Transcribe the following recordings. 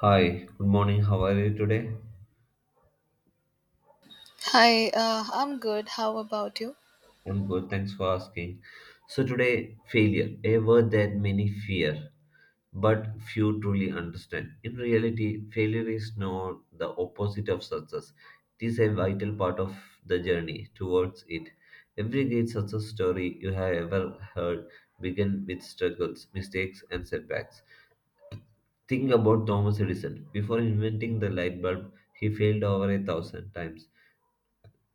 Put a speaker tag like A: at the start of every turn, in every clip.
A: Hi, good morning. How are you today?
B: Hi, I'm good. How about you?
A: I'm good. Thanks for asking. So, today, failure, a word that many fear, but few truly understand. In reality, failure is not the opposite of success, it is a vital part of the journey towards it. Every great success story you have ever heard began with struggles, mistakes, and setbacks. Think about Thomas Edison. Before inventing the light bulb, he failed over a thousand times.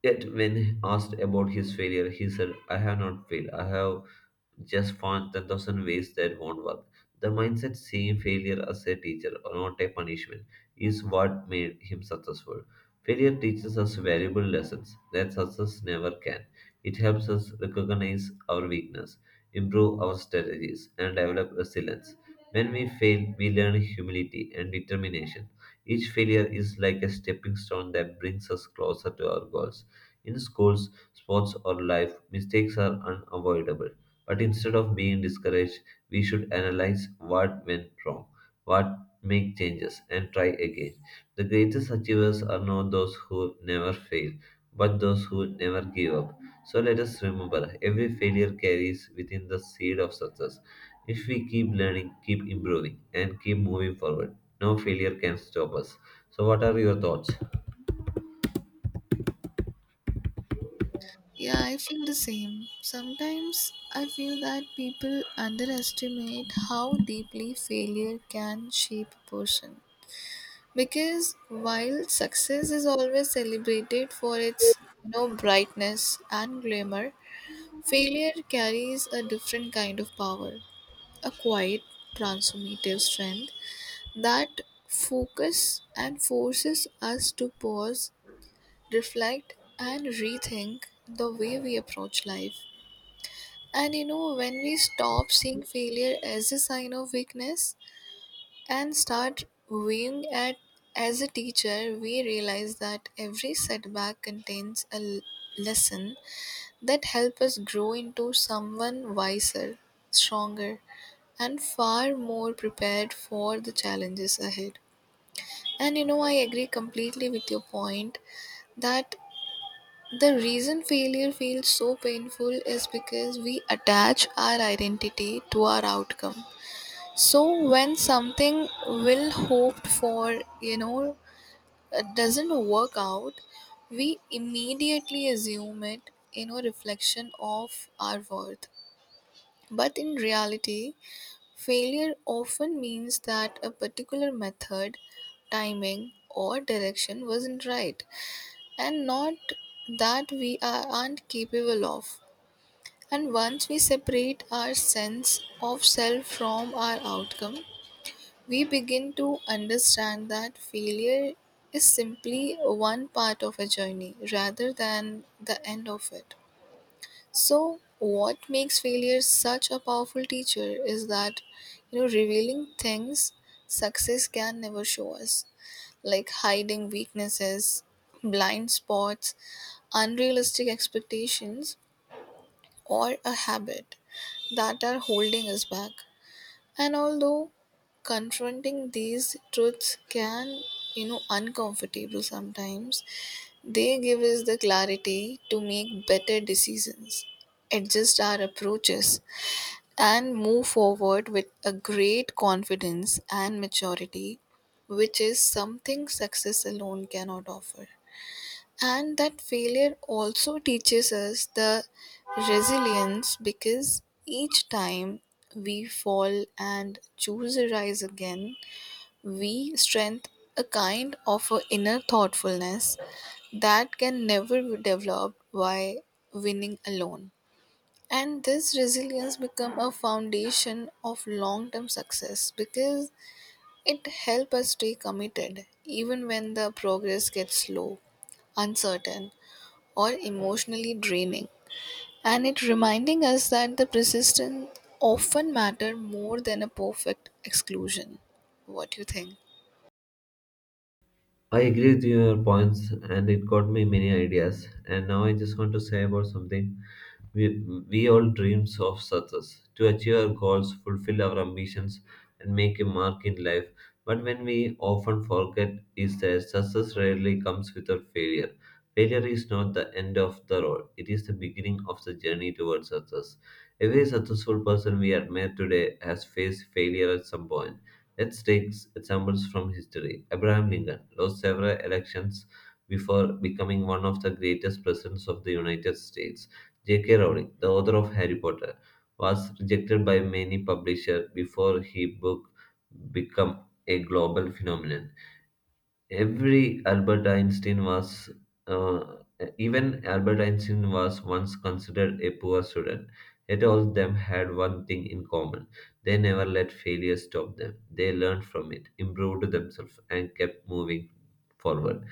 A: Yet, when asked about his failure, he said, I have not failed. I have just found 10,000 ways that won't work. The mindset seeing failure as a teacher or not a punishment is what made him successful. Failure teaches us valuable lessons that success never can. It helps us recognize our weakness, improve our strategies, and develop resilience. When we fail, we learn humility and determination. Each failure is like a stepping stone that brings us closer to our goals. In schools, sports, or life, mistakes are unavoidable but instead of being discouraged, we should analyze what went wrong, what make changes, and try again. The greatest achievers are not those who never fail, but those who never give up. So let us remember every failure carries within the seed of success. If we keep learning, keep improving, and keep moving forward, no failure can stop us. So, what are your thoughts?
B: Yeah, I feel the same. Sometimes I feel that people underestimate how deeply failure can shape a person. Because while success is always celebrated for its brightness and glamour, failure carries a different kind of power, a quiet, transformative strength that focus and forces us to pause, reflect, and rethink the way we approach life. And when we stop seeing failure as a sign of weakness and start viewing it as a teacher, we realize that every setback contains a lesson that helps us grow into someone wiser, stronger, and far more prepared for the challenges ahead. And I agree completely with your point that the reason failure feels so painful is because we attach our identity to our outcome. So when something well hoped for, doesn't work out, we immediately assume it, reflection of our worth. But in reality, failure often means that a particular method, timing, or direction wasn't right and not that we are, aren't capable of. And once we separate our sense of self from our outcome, we begin to understand that failure is simply one part of a journey rather than the end of it. So, what makes failure such a powerful teacher is that, revealing things success can never show us, like hiding weaknesses, blind spots, unrealistic expectations, or a habit that are holding us back. And although confronting these truths can uncomfortable sometimes, they give us the clarity to make better decisions, adjust our approaches, and move forward with a great confidence and maturity, which is something success alone cannot offer. And that failure also teaches us the resilience because each time we fall and choose a rise again, we strengthen a kind of a inner thoughtfulness that can never be developed by winning alone. And this resilience become a foundation of long-term success because it helps us stay committed even when the progress gets slow, uncertain, or emotionally draining, and it reminding us that the persistence often matter more than a perfect exclusion. What do you think?
A: I agree with your points, and it got me many ideas. And now I just want to say about something. We, we all dreams of success to achieve our goals, fulfill our ambitions, and make a mark in life. But when we often forget is that success rarely comes without failure. Failure is not the end of the road; it is the beginning of the journey towards success. Every successful person we admire today has faced failure at some point. Let's take examples from history. Abraham Lincoln lost several elections before becoming one of the greatest presidents of the United States. J.K. Rowling, the author of Harry Potter, was rejected by many publishers before his book became a global phenomenon. Every Albert Einstein was, uh, Even Albert Einstein was once considered a poor student. Yet all of them had one thing in common. They never let failure stop them. They learned from it, improved themselves, and kept moving forward.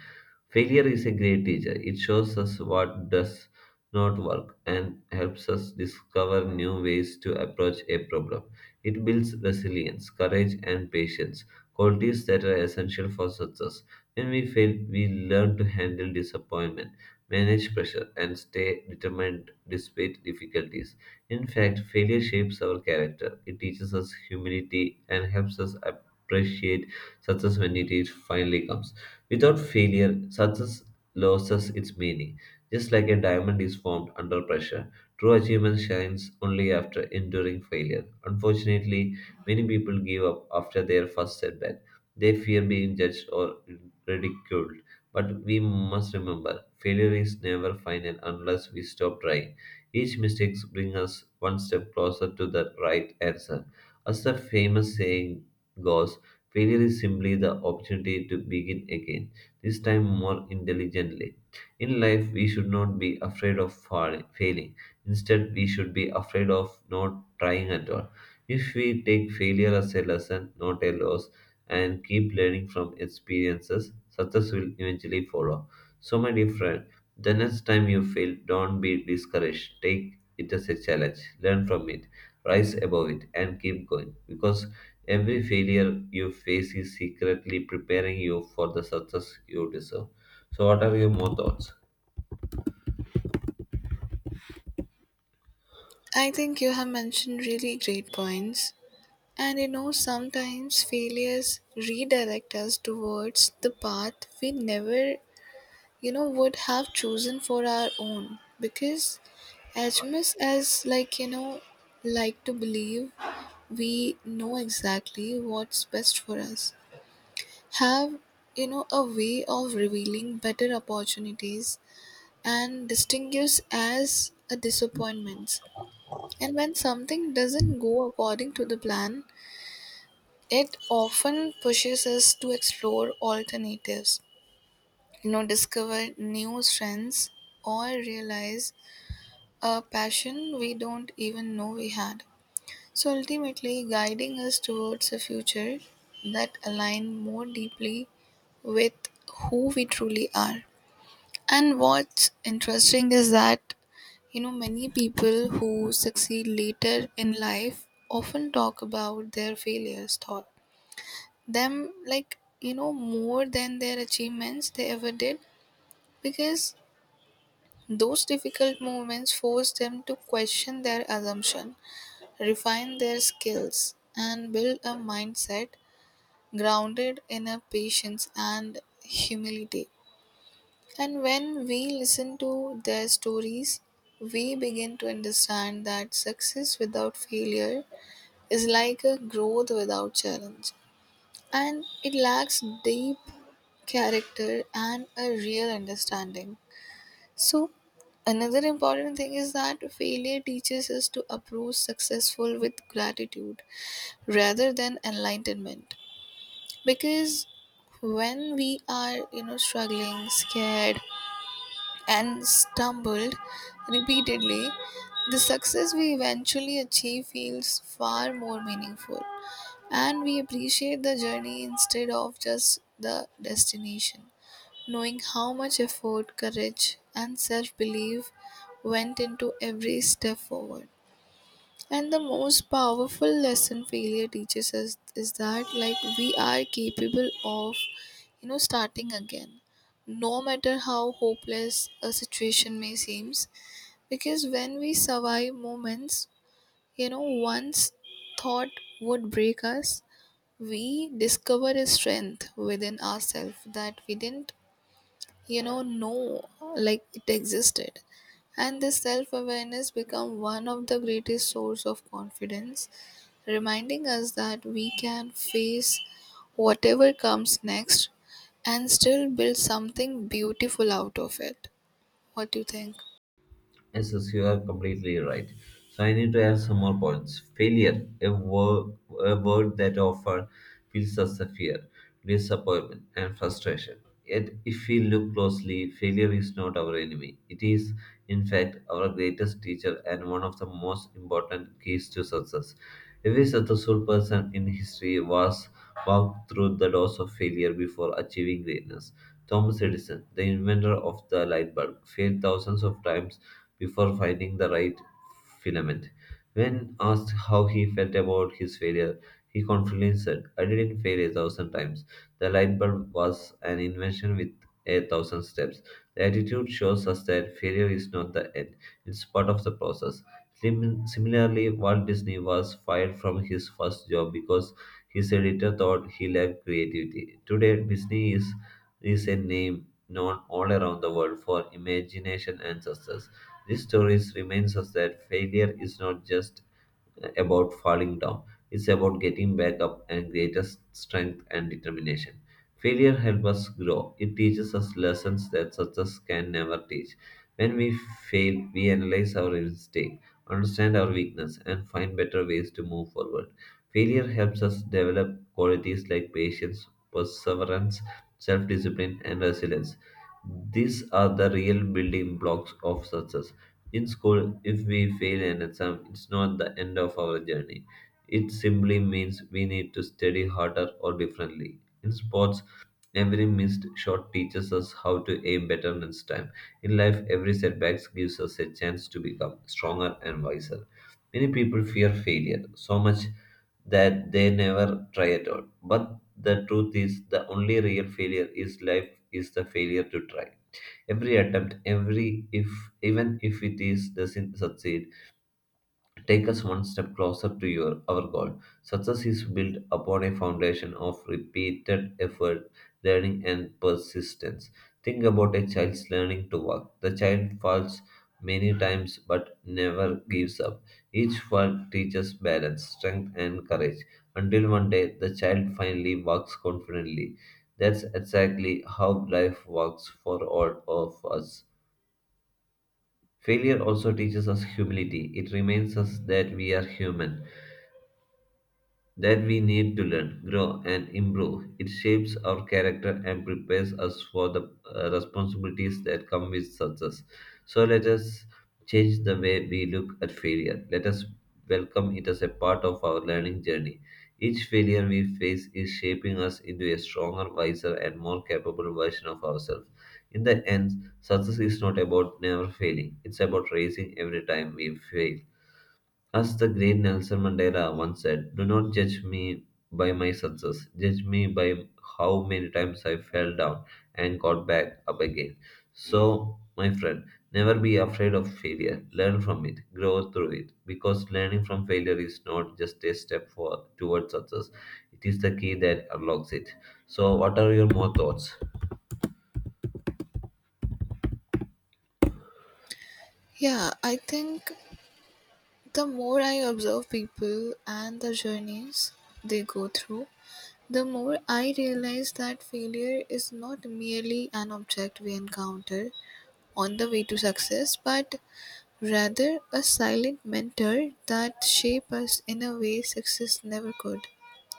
A: Failure is a great teacher. It shows us what does not work and helps us discover new ways to approach a problem. It builds resilience, courage, and patience, qualities that are essential for success. When we fail, we learn to handle disappointment, manage pressure, and stay determined despite difficulties. In fact, failure shapes our character. It teaches us humility and helps us appreciate success when it finally comes. Without failure, success loses its meaning. Just like a diamond is formed under pressure, true achievement shines only after enduring failure. Unfortunately, many people give up after their first setback they fear being judged or ridiculed. But we must remember failure is never final unless we stop trying. Each mistake brings us one step closer to the right answer. As the famous saying goes, failure is simply the opportunity to begin again, this time more intelligently. In life, we should not be afraid of falling, failing. Instead, we should be afraid of not trying at all. If we take failure as a lesson, not a loss, and keep learning from experiences, success will eventually follow. So, my dear friend, the next time you fail, don't be discouraged. Take it as a challenge, learn from it, rise above it, and keep going. Because every failure you face is secretly preparing you for the success you deserve. So, what are your more thoughts?
B: I think you have mentioned really great points, and sometimes failures redirect us towards the path we never would have chosen for our own, because as much as like like to believe we know exactly what's best for us, have a way of revealing better opportunities and distinguish as a disappointments. And when something doesn't go according to the plan, it often pushes us to explore alternatives, discover new strengths, or realize a passion we don't even know we had, so ultimately guiding us towards a future that align more deeply with who we truly are. And what's interesting is that, many people who succeed later in life often talk about their failures, thought them like, more than their achievements they ever did, because those difficult moments force them to question their assumption, refine their skills, and build a mindset grounded in a patience and humility. And when we listen to their stories, we begin to understand that success without failure is like a growth without challenge. And it lacks deep character and a real understanding. So, another important thing is that failure teaches us to approach successful with gratitude rather than enlightenment, because when we are struggling, scared, and stumbled repeatedly, the success we eventually achieve feels far more meaningful, and we appreciate the journey instead of just the destination. Knowing how much effort, courage, and self belief went into every step forward. And the most powerful lesson failure teaches us is that like we are capable of starting again no matter how hopeless a situation may seem, because when we survive moments once thought would break us, we discover a strength within ourselves that we didn't know like it existed. And this self-awareness become one of the greatest source of confidence, reminding us that we can face whatever comes next and still build something beautiful out of it. What do you think?
A: Yes, yes, you are completely right. So I need to add some more points. Failure, a word that often feels as a fear, disappointment, and frustration. Yet, if we look closely, failure is not our enemy. It is, in fact, our greatest teacher and one of the most important keys to success. Every successful person in history was walked through the doors of failure before achieving greatness. Thomas Edison, the inventor of the light bulb, failed thousands of times before finding the right filament. When asked how he felt about his failure, he confidently said, I didn't fail a thousand times. The light bulb was an invention with a thousand steps. The attitude shows us that failure is not the end, it's part of the process. Similarly, Walt Disney was fired from his first job because his editor thought he lacked creativity. Today, Disney is a name known all around the world for imagination and success. These stories reminds us that failure is not just about falling down. It's about getting back up and greater strength and determination. Failure helps us grow. It teaches us lessons that success can never teach. When we fail, we analyze our mistake, understand our weakness, and find better ways to move forward. Failure helps us develop qualities like patience, perseverance, self discipline, and resilience. These are the real building blocks of success. In school, if we fail an exam, it's not the end of our journey. It simply means we need to study harder or differently. In sports, every missed shot teaches us how to aim better next time. In life, every setback gives us a chance to become stronger and wiser. Many people fear failure so much that they never try at all. But the truth is, the only real failure is life is the failure to try. Every attempt, every if, even if it is doesn't succeed, take us one step closer to your our goal. Success is built upon a foundation of repeated effort, learning, and persistence. Think about a child's learning to walk. The child falls many times but never gives up. Each fall teaches balance, strength, and courage until one day the child finally walks confidently. That's exactly how life works for all of us. Failure also teaches us humility. It reminds us that we are human that we need to learn, grow, and improve. It shapes our character and prepares us for the responsibilities that come with success. So let us change the way we look at failure. Let us welcome it as a part of our learning journey. Each failure we face is shaping us into a stronger, wiser, and more capable version of ourselves. In the end, success is not about never failing, it's about raising every time we fail. As the great Nelson Mandela once said, do not judge me by my success. Judge me by how many times I fell down and got back up again. So, my friend, never be afraid of failure. Learn from it, grow through it. Because learning from failure is not just a step for, towards success, it is the key that unlocks it. So, what are your more thoughts?
B: Yeah, I think the more I observe people and the journeys they go through, the more I realize that failure is not merely an object we encounter on the way to success, but rather a silent mentor that shape us in a way success never could.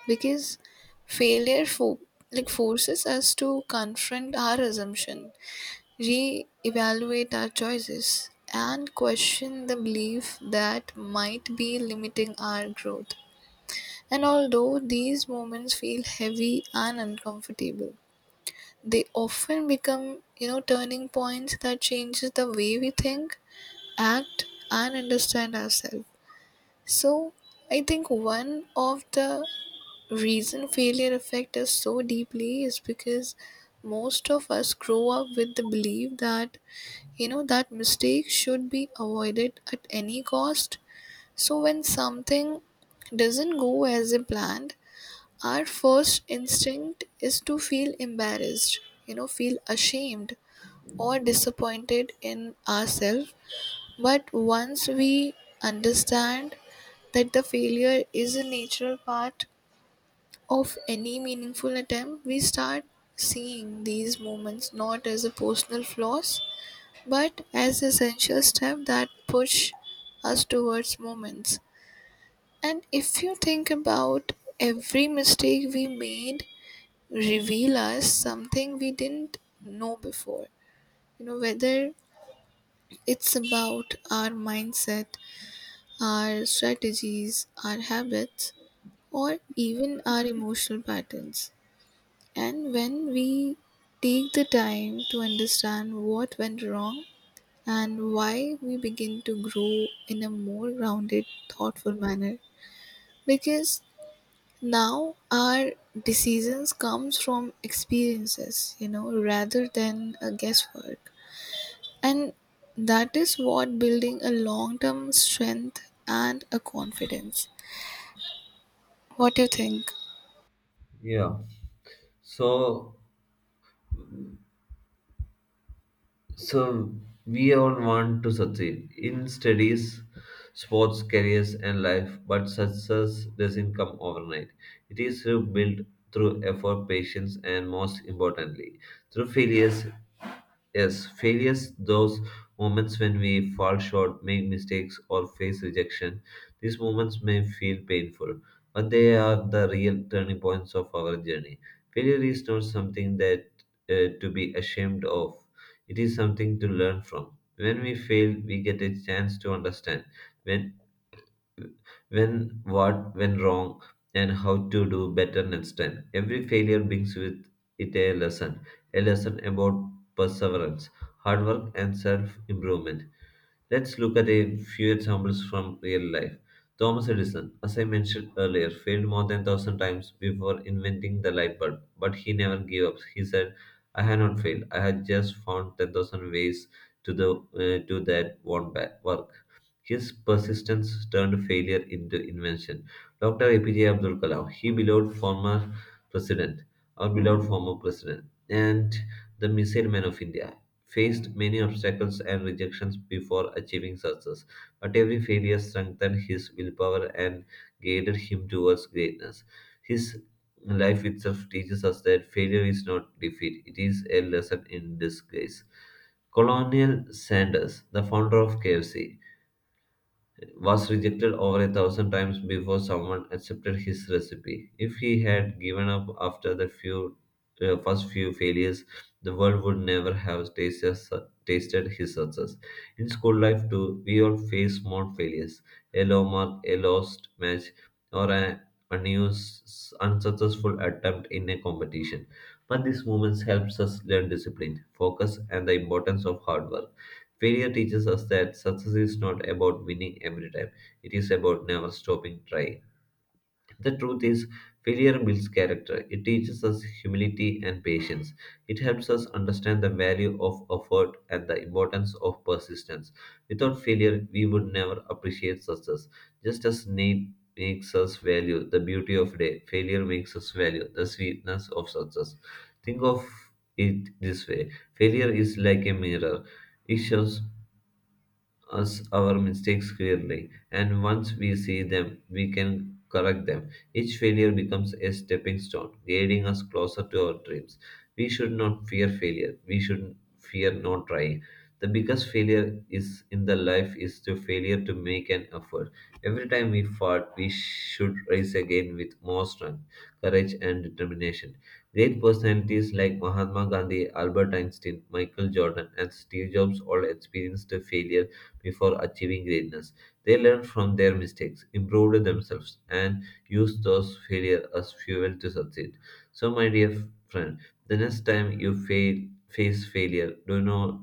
B: Because failure fo- like forces us to confront our assumption, re-evaluate our choices, and question the belief that might be limiting our growth. And although these moments feel heavy and uncomfortable, they often become, turning points that changes the way we think, act, and understand ourselves. So I think one of the reason failure affect us so deeply is because most of us grow up with the belief that that mistake should be avoided at any cost. So when something doesn't go as a planned, our first instinct is to feel embarrassed, feel ashamed or disappointed in ourselves. But once we understand that the failure is a natural part of any meaningful attempt, we start seeing these moments not as a personal flaws but as essential steps that push us towards moments. And if you think about every mistake we made reveal us something we didn't know before. Whether it's about our mindset, our strategies, our habits, or even our emotional patterns. And when we take the time to understand what went wrong and why, we begin to grow in a more rounded, thoughtful manner. Because now our decisions comes from experiences, rather than a guesswork. And that is what building a long-term strength and a confidence. What do you think?
A: Yeah. So, So, we all want to succeed in studies, sports, careers, and life, but success doesn't come overnight. It is built through effort, patience, and most importantly, through failures. Yes, failures, those moments when we fall short, make mistakes, or face rejection, these moments may feel painful, but they are the real turning points of our journey. Failure is not something that to be ashamed of, it is something to learn from. When we fail, we get a chance to understand. When when what went wrong and how to do better next time. Every failure brings with it a lesson about perseverance, hard work, and self improvement. Let's look at a few examples from real life. Thomas Edison, as I mentioned earlier, failed more than 1,000 times before inventing the light bulb, but he never gave up. He said, I have not failed. I had just found 10,000 ways to the to work. His persistence turned failure into invention. Dr. APJ Abdul Kalam, he beloved former president, our beloved former president, and the missile man of India, faced many obstacles and rejections before achieving success. But every failure strengthened his willpower and guided him towards greatness. His life itself teaches us that failure is not defeat, it is a lesson in disgrace. Colonial Sanders, the founder of KFC was rejected over a thousand times before someone accepted his recipe. If he had given up after the few first few failures, the world would never have tasted his success. In school life, too, we all face small failures a low mark, a lost match, or an unsuccessful attempt in a competition. But these moments helps us learn discipline, focus, and the importance of hard work. Failure teaches us that success is not about winning every time, it is about never stopping trying. The truth is, failure builds character. It teaches us humility and patience. It helps us understand the value of effort and the importance of persistence. Without failure, we would never appreciate success. Just as need makes us value the beauty of day, failure makes us value the sweetness of success. Think of it this way, failure is like a mirror. It shows us our mistakes clearly, and once we see them, we can correct them. Each failure becomes a stepping stone, guiding us closer to our dreams. We should not fear failure, we should fear not trying. The biggest failure is in the life is the failure to make an effort. Every time we fall, we should rise again with more strength, courage, and determination. Great personalities like Mahatma Gandhi, Albert Einstein, Michael Jordan, and Steve Jobs all experienced failure before achieving greatness. They learned from their mistakes, improved themselves, and used those failures as fuel to succeed. So, my dear friend, the next time you fail, face failure, do not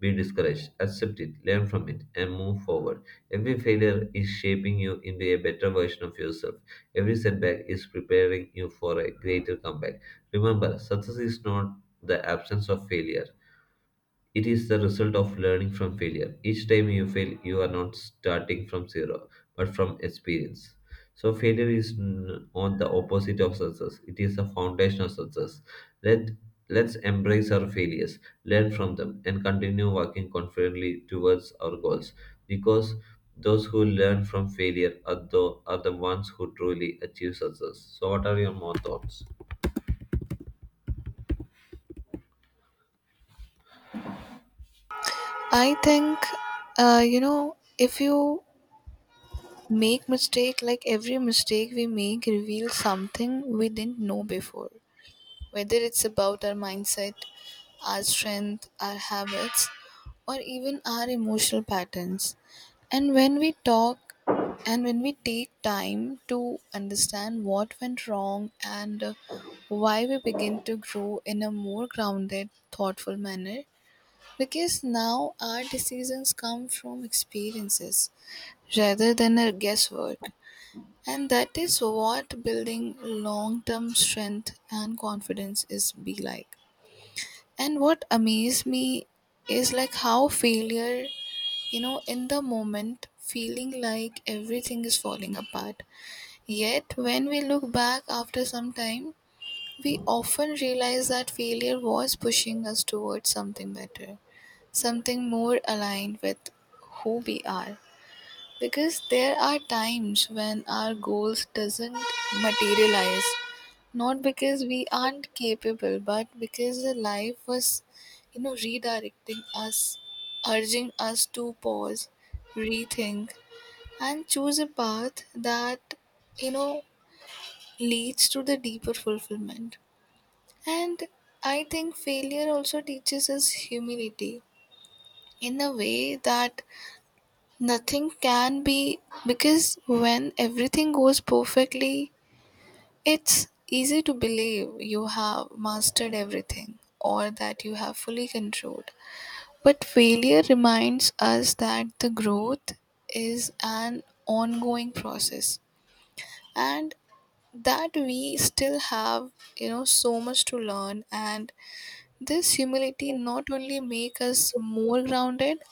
A: be discouraged. Accept it, learn from it, and move forward. Every failure is shaping you into a better version of yourself. Every setback is preparing you for a greater comeback. Remember, success is not the absence of failure, it is the result of learning from failure. Each time you fail, you are not starting from zero, but from experience. So, failure is on the opposite of success. It is the foundation of success. Let Let's embrace our failures, learn from them, and continue working confidently towards our goals. Because those who learn from failure are the ones who truly achieve success. So, what are your more thoughts?
B: I think, if you make mistake, like every mistake we make reveals something we didn't know before. Whether it's about our mindset, our strength, our habits, or even our emotional patterns. And when we take time to understand what went wrong and why, we begin to grow in a more grounded, thoughtful manner, because now our decisions come from experiences rather than our guesswork. And that is what building long term strength and confidence is be like. And what amazed me is like how failure, in the moment, feeling like everything is falling apart. Yet when we look back after some time, we often realize that failure was pushing us towards something better, something more aligned with who we are. Because there are times when our goals doesn't materialize, not because we aren't capable, but because the life was, redirecting us, urging us to pause, rethink, and choose a path that, you know, leads to the deeper fulfillment. And I think failure also teaches us humility in a way that nothing can be, because when everything goes perfectly, it's easy to believe you have mastered everything or that you have fully controlled. But failure reminds us that the growth is an ongoing process and that we still have, so much to learn. And this humility not only makes us more grounded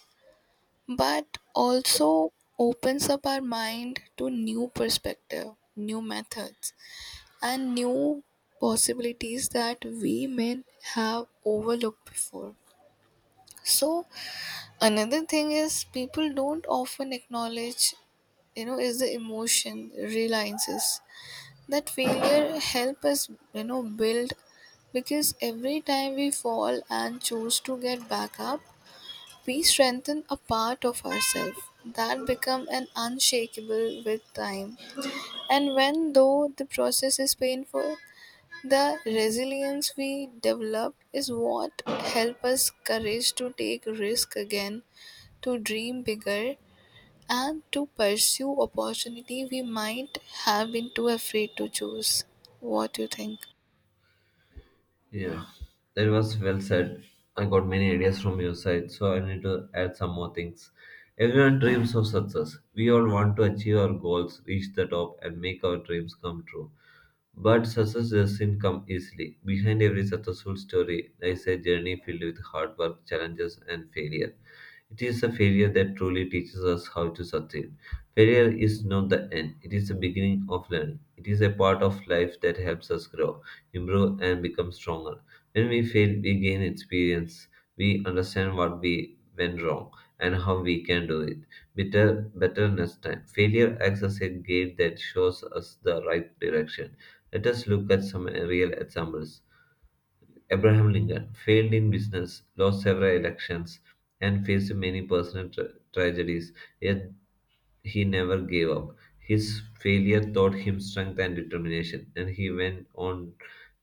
B: but also opens up our mind to new perspective, new methods, and new possibilities that we may have overlooked before. So another thing is people don't often acknowledge is the emotion reliances that failure help us build, because every time we fall and choose to get back up, we strengthen a part of ourselves that become an unshakable with time. And when though the process is painful, the resilience we develop is what help us courage to take risk again, to dream bigger, and to pursue opportunity we might have been too afraid to choose. What do you think?
A: Yeah, that was well said. I got many ideas from your side, so I need to add some more things. Everyone dreams of success. We all want to achieve our goals, reach the top, and make our dreams come true. But success doesn't come easily. Behind every successful story lies a journey filled with hard work, challenges, and failure. It is the failure that truly teaches us how to succeed. Failure is not the end, it is the beginning of learning. It is a part of life that helps us grow, improve, and become stronger. When we fail, we gain experience. We understand what we went wrong and how we can do it better next time. Failure acts as a guide that shows us the right direction. Let us look at some real examples. Abraham Lincoln failed in business, lost several elections, and faced many personal tragedies. Yet he never gave up. His failure taught him strength and determination, and he went on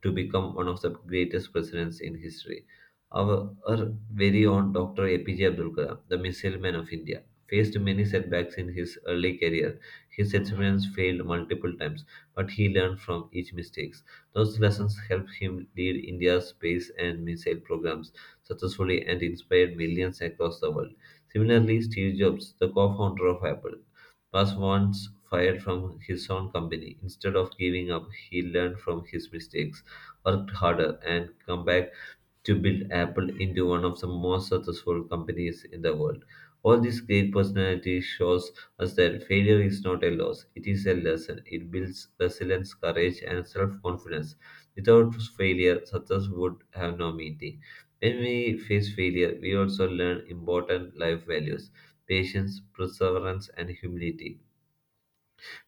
A: to become one of the greatest presidents in history. Our very own Dr. APJ Abdul Kalam, the missile man of India, faced many setbacks in his early career. His experiments failed multiple times, but he learned from each mistake. Those lessons helped him lead India's space and missile programs successfully and inspired millions across the world. Similarly, Steve Jobs, the co founder of Apple, was once fired from his own company. Instead of giving up, he learned from his mistakes, worked harder, and come back to build Apple into one of the most successful companies in the world. All these great personalities shows us that failure is not a loss, it is a lesson. It builds resilience, courage, and self-confidence. Without failure, success would have no meaning. When we face failure, we also learn important life values, patience, perseverance, and humility.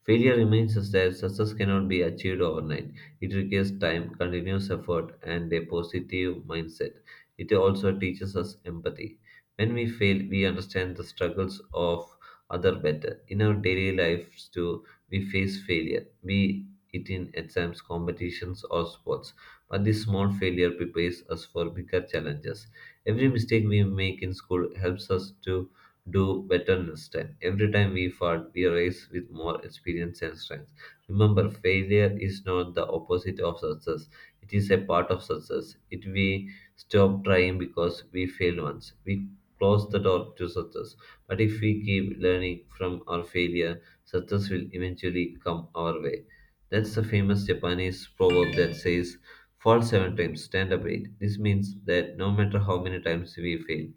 A: Failure reminds us that success cannot be achieved overnight. It requires time, continuous effort, and a positive mindset. It also teaches us empathy. When we fail, we understand the struggles of other better. In our daily lives too, we face failure, be it in exams, competitions, or sports. But this small failure prepares us for bigger challenges. Every mistake we make in school helps us to do better next time. Every time we fall, we rise with more experience and strength. Remember, failure is not the opposite of success. It is a part of success. It we stop trying because we fail once. We close the door to success. But if we keep learning from our failure, success will eventually come our way. That's the famous Japanese proverb that says, fall 7 times, stand up 8. This means that no matter how many times we fail,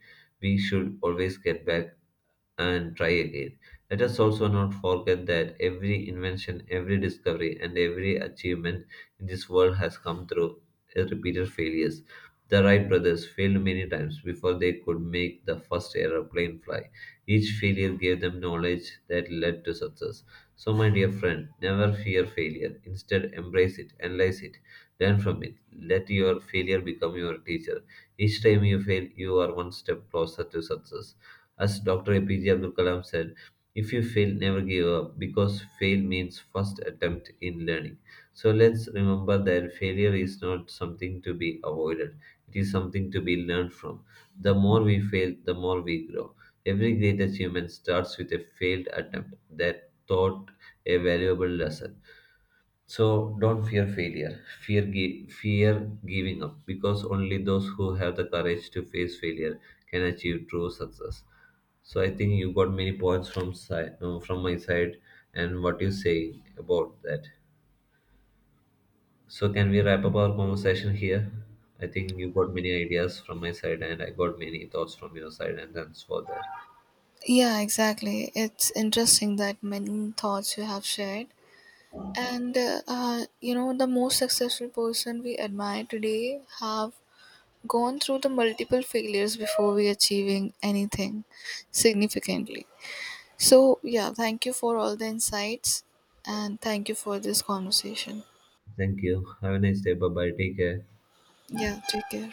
A: we should always get back and try again. Let us also not forget that every invention, every discovery, and every achievement in this world has come through repeated failures. The Wright brothers failed many times before they could make the first aeroplane fly. Each failure gave them knowledge that led to success. So, my dear friend, never fear failure. Instead, embrace it, analyze it, learn from it. Let your failure become your teacher. Each time you fail, you are one step closer to success. As Dr. APJ Abdul Kalam said, if you fail, never give up because fail means first attempt in learning. So let's remember that failure is not something to be avoided, it is something to be learned from. The more we fail, the more we grow. Every great achievement starts with a failed attempt that taught a valuable lesson. So don't fear failure. Fear giving up because only those who have the courage to face failure can achieve true success. So I think you got many points from side, from my side, and what you say about that. So can we wrap up our conversation here? I think you got many ideas from my side and I got many thoughts from your side, and thanks for that.
B: Yeah, exactly. It's interesting that many thoughts you have shared. And the most successful person we admire today have gone through the multiple failures before we achieving anything significantly. So yeah, thank you for all the insights and thank you for this conversation.
A: Thank you. Have a nice day. Bye bye. Take care.
B: Yeah, take care.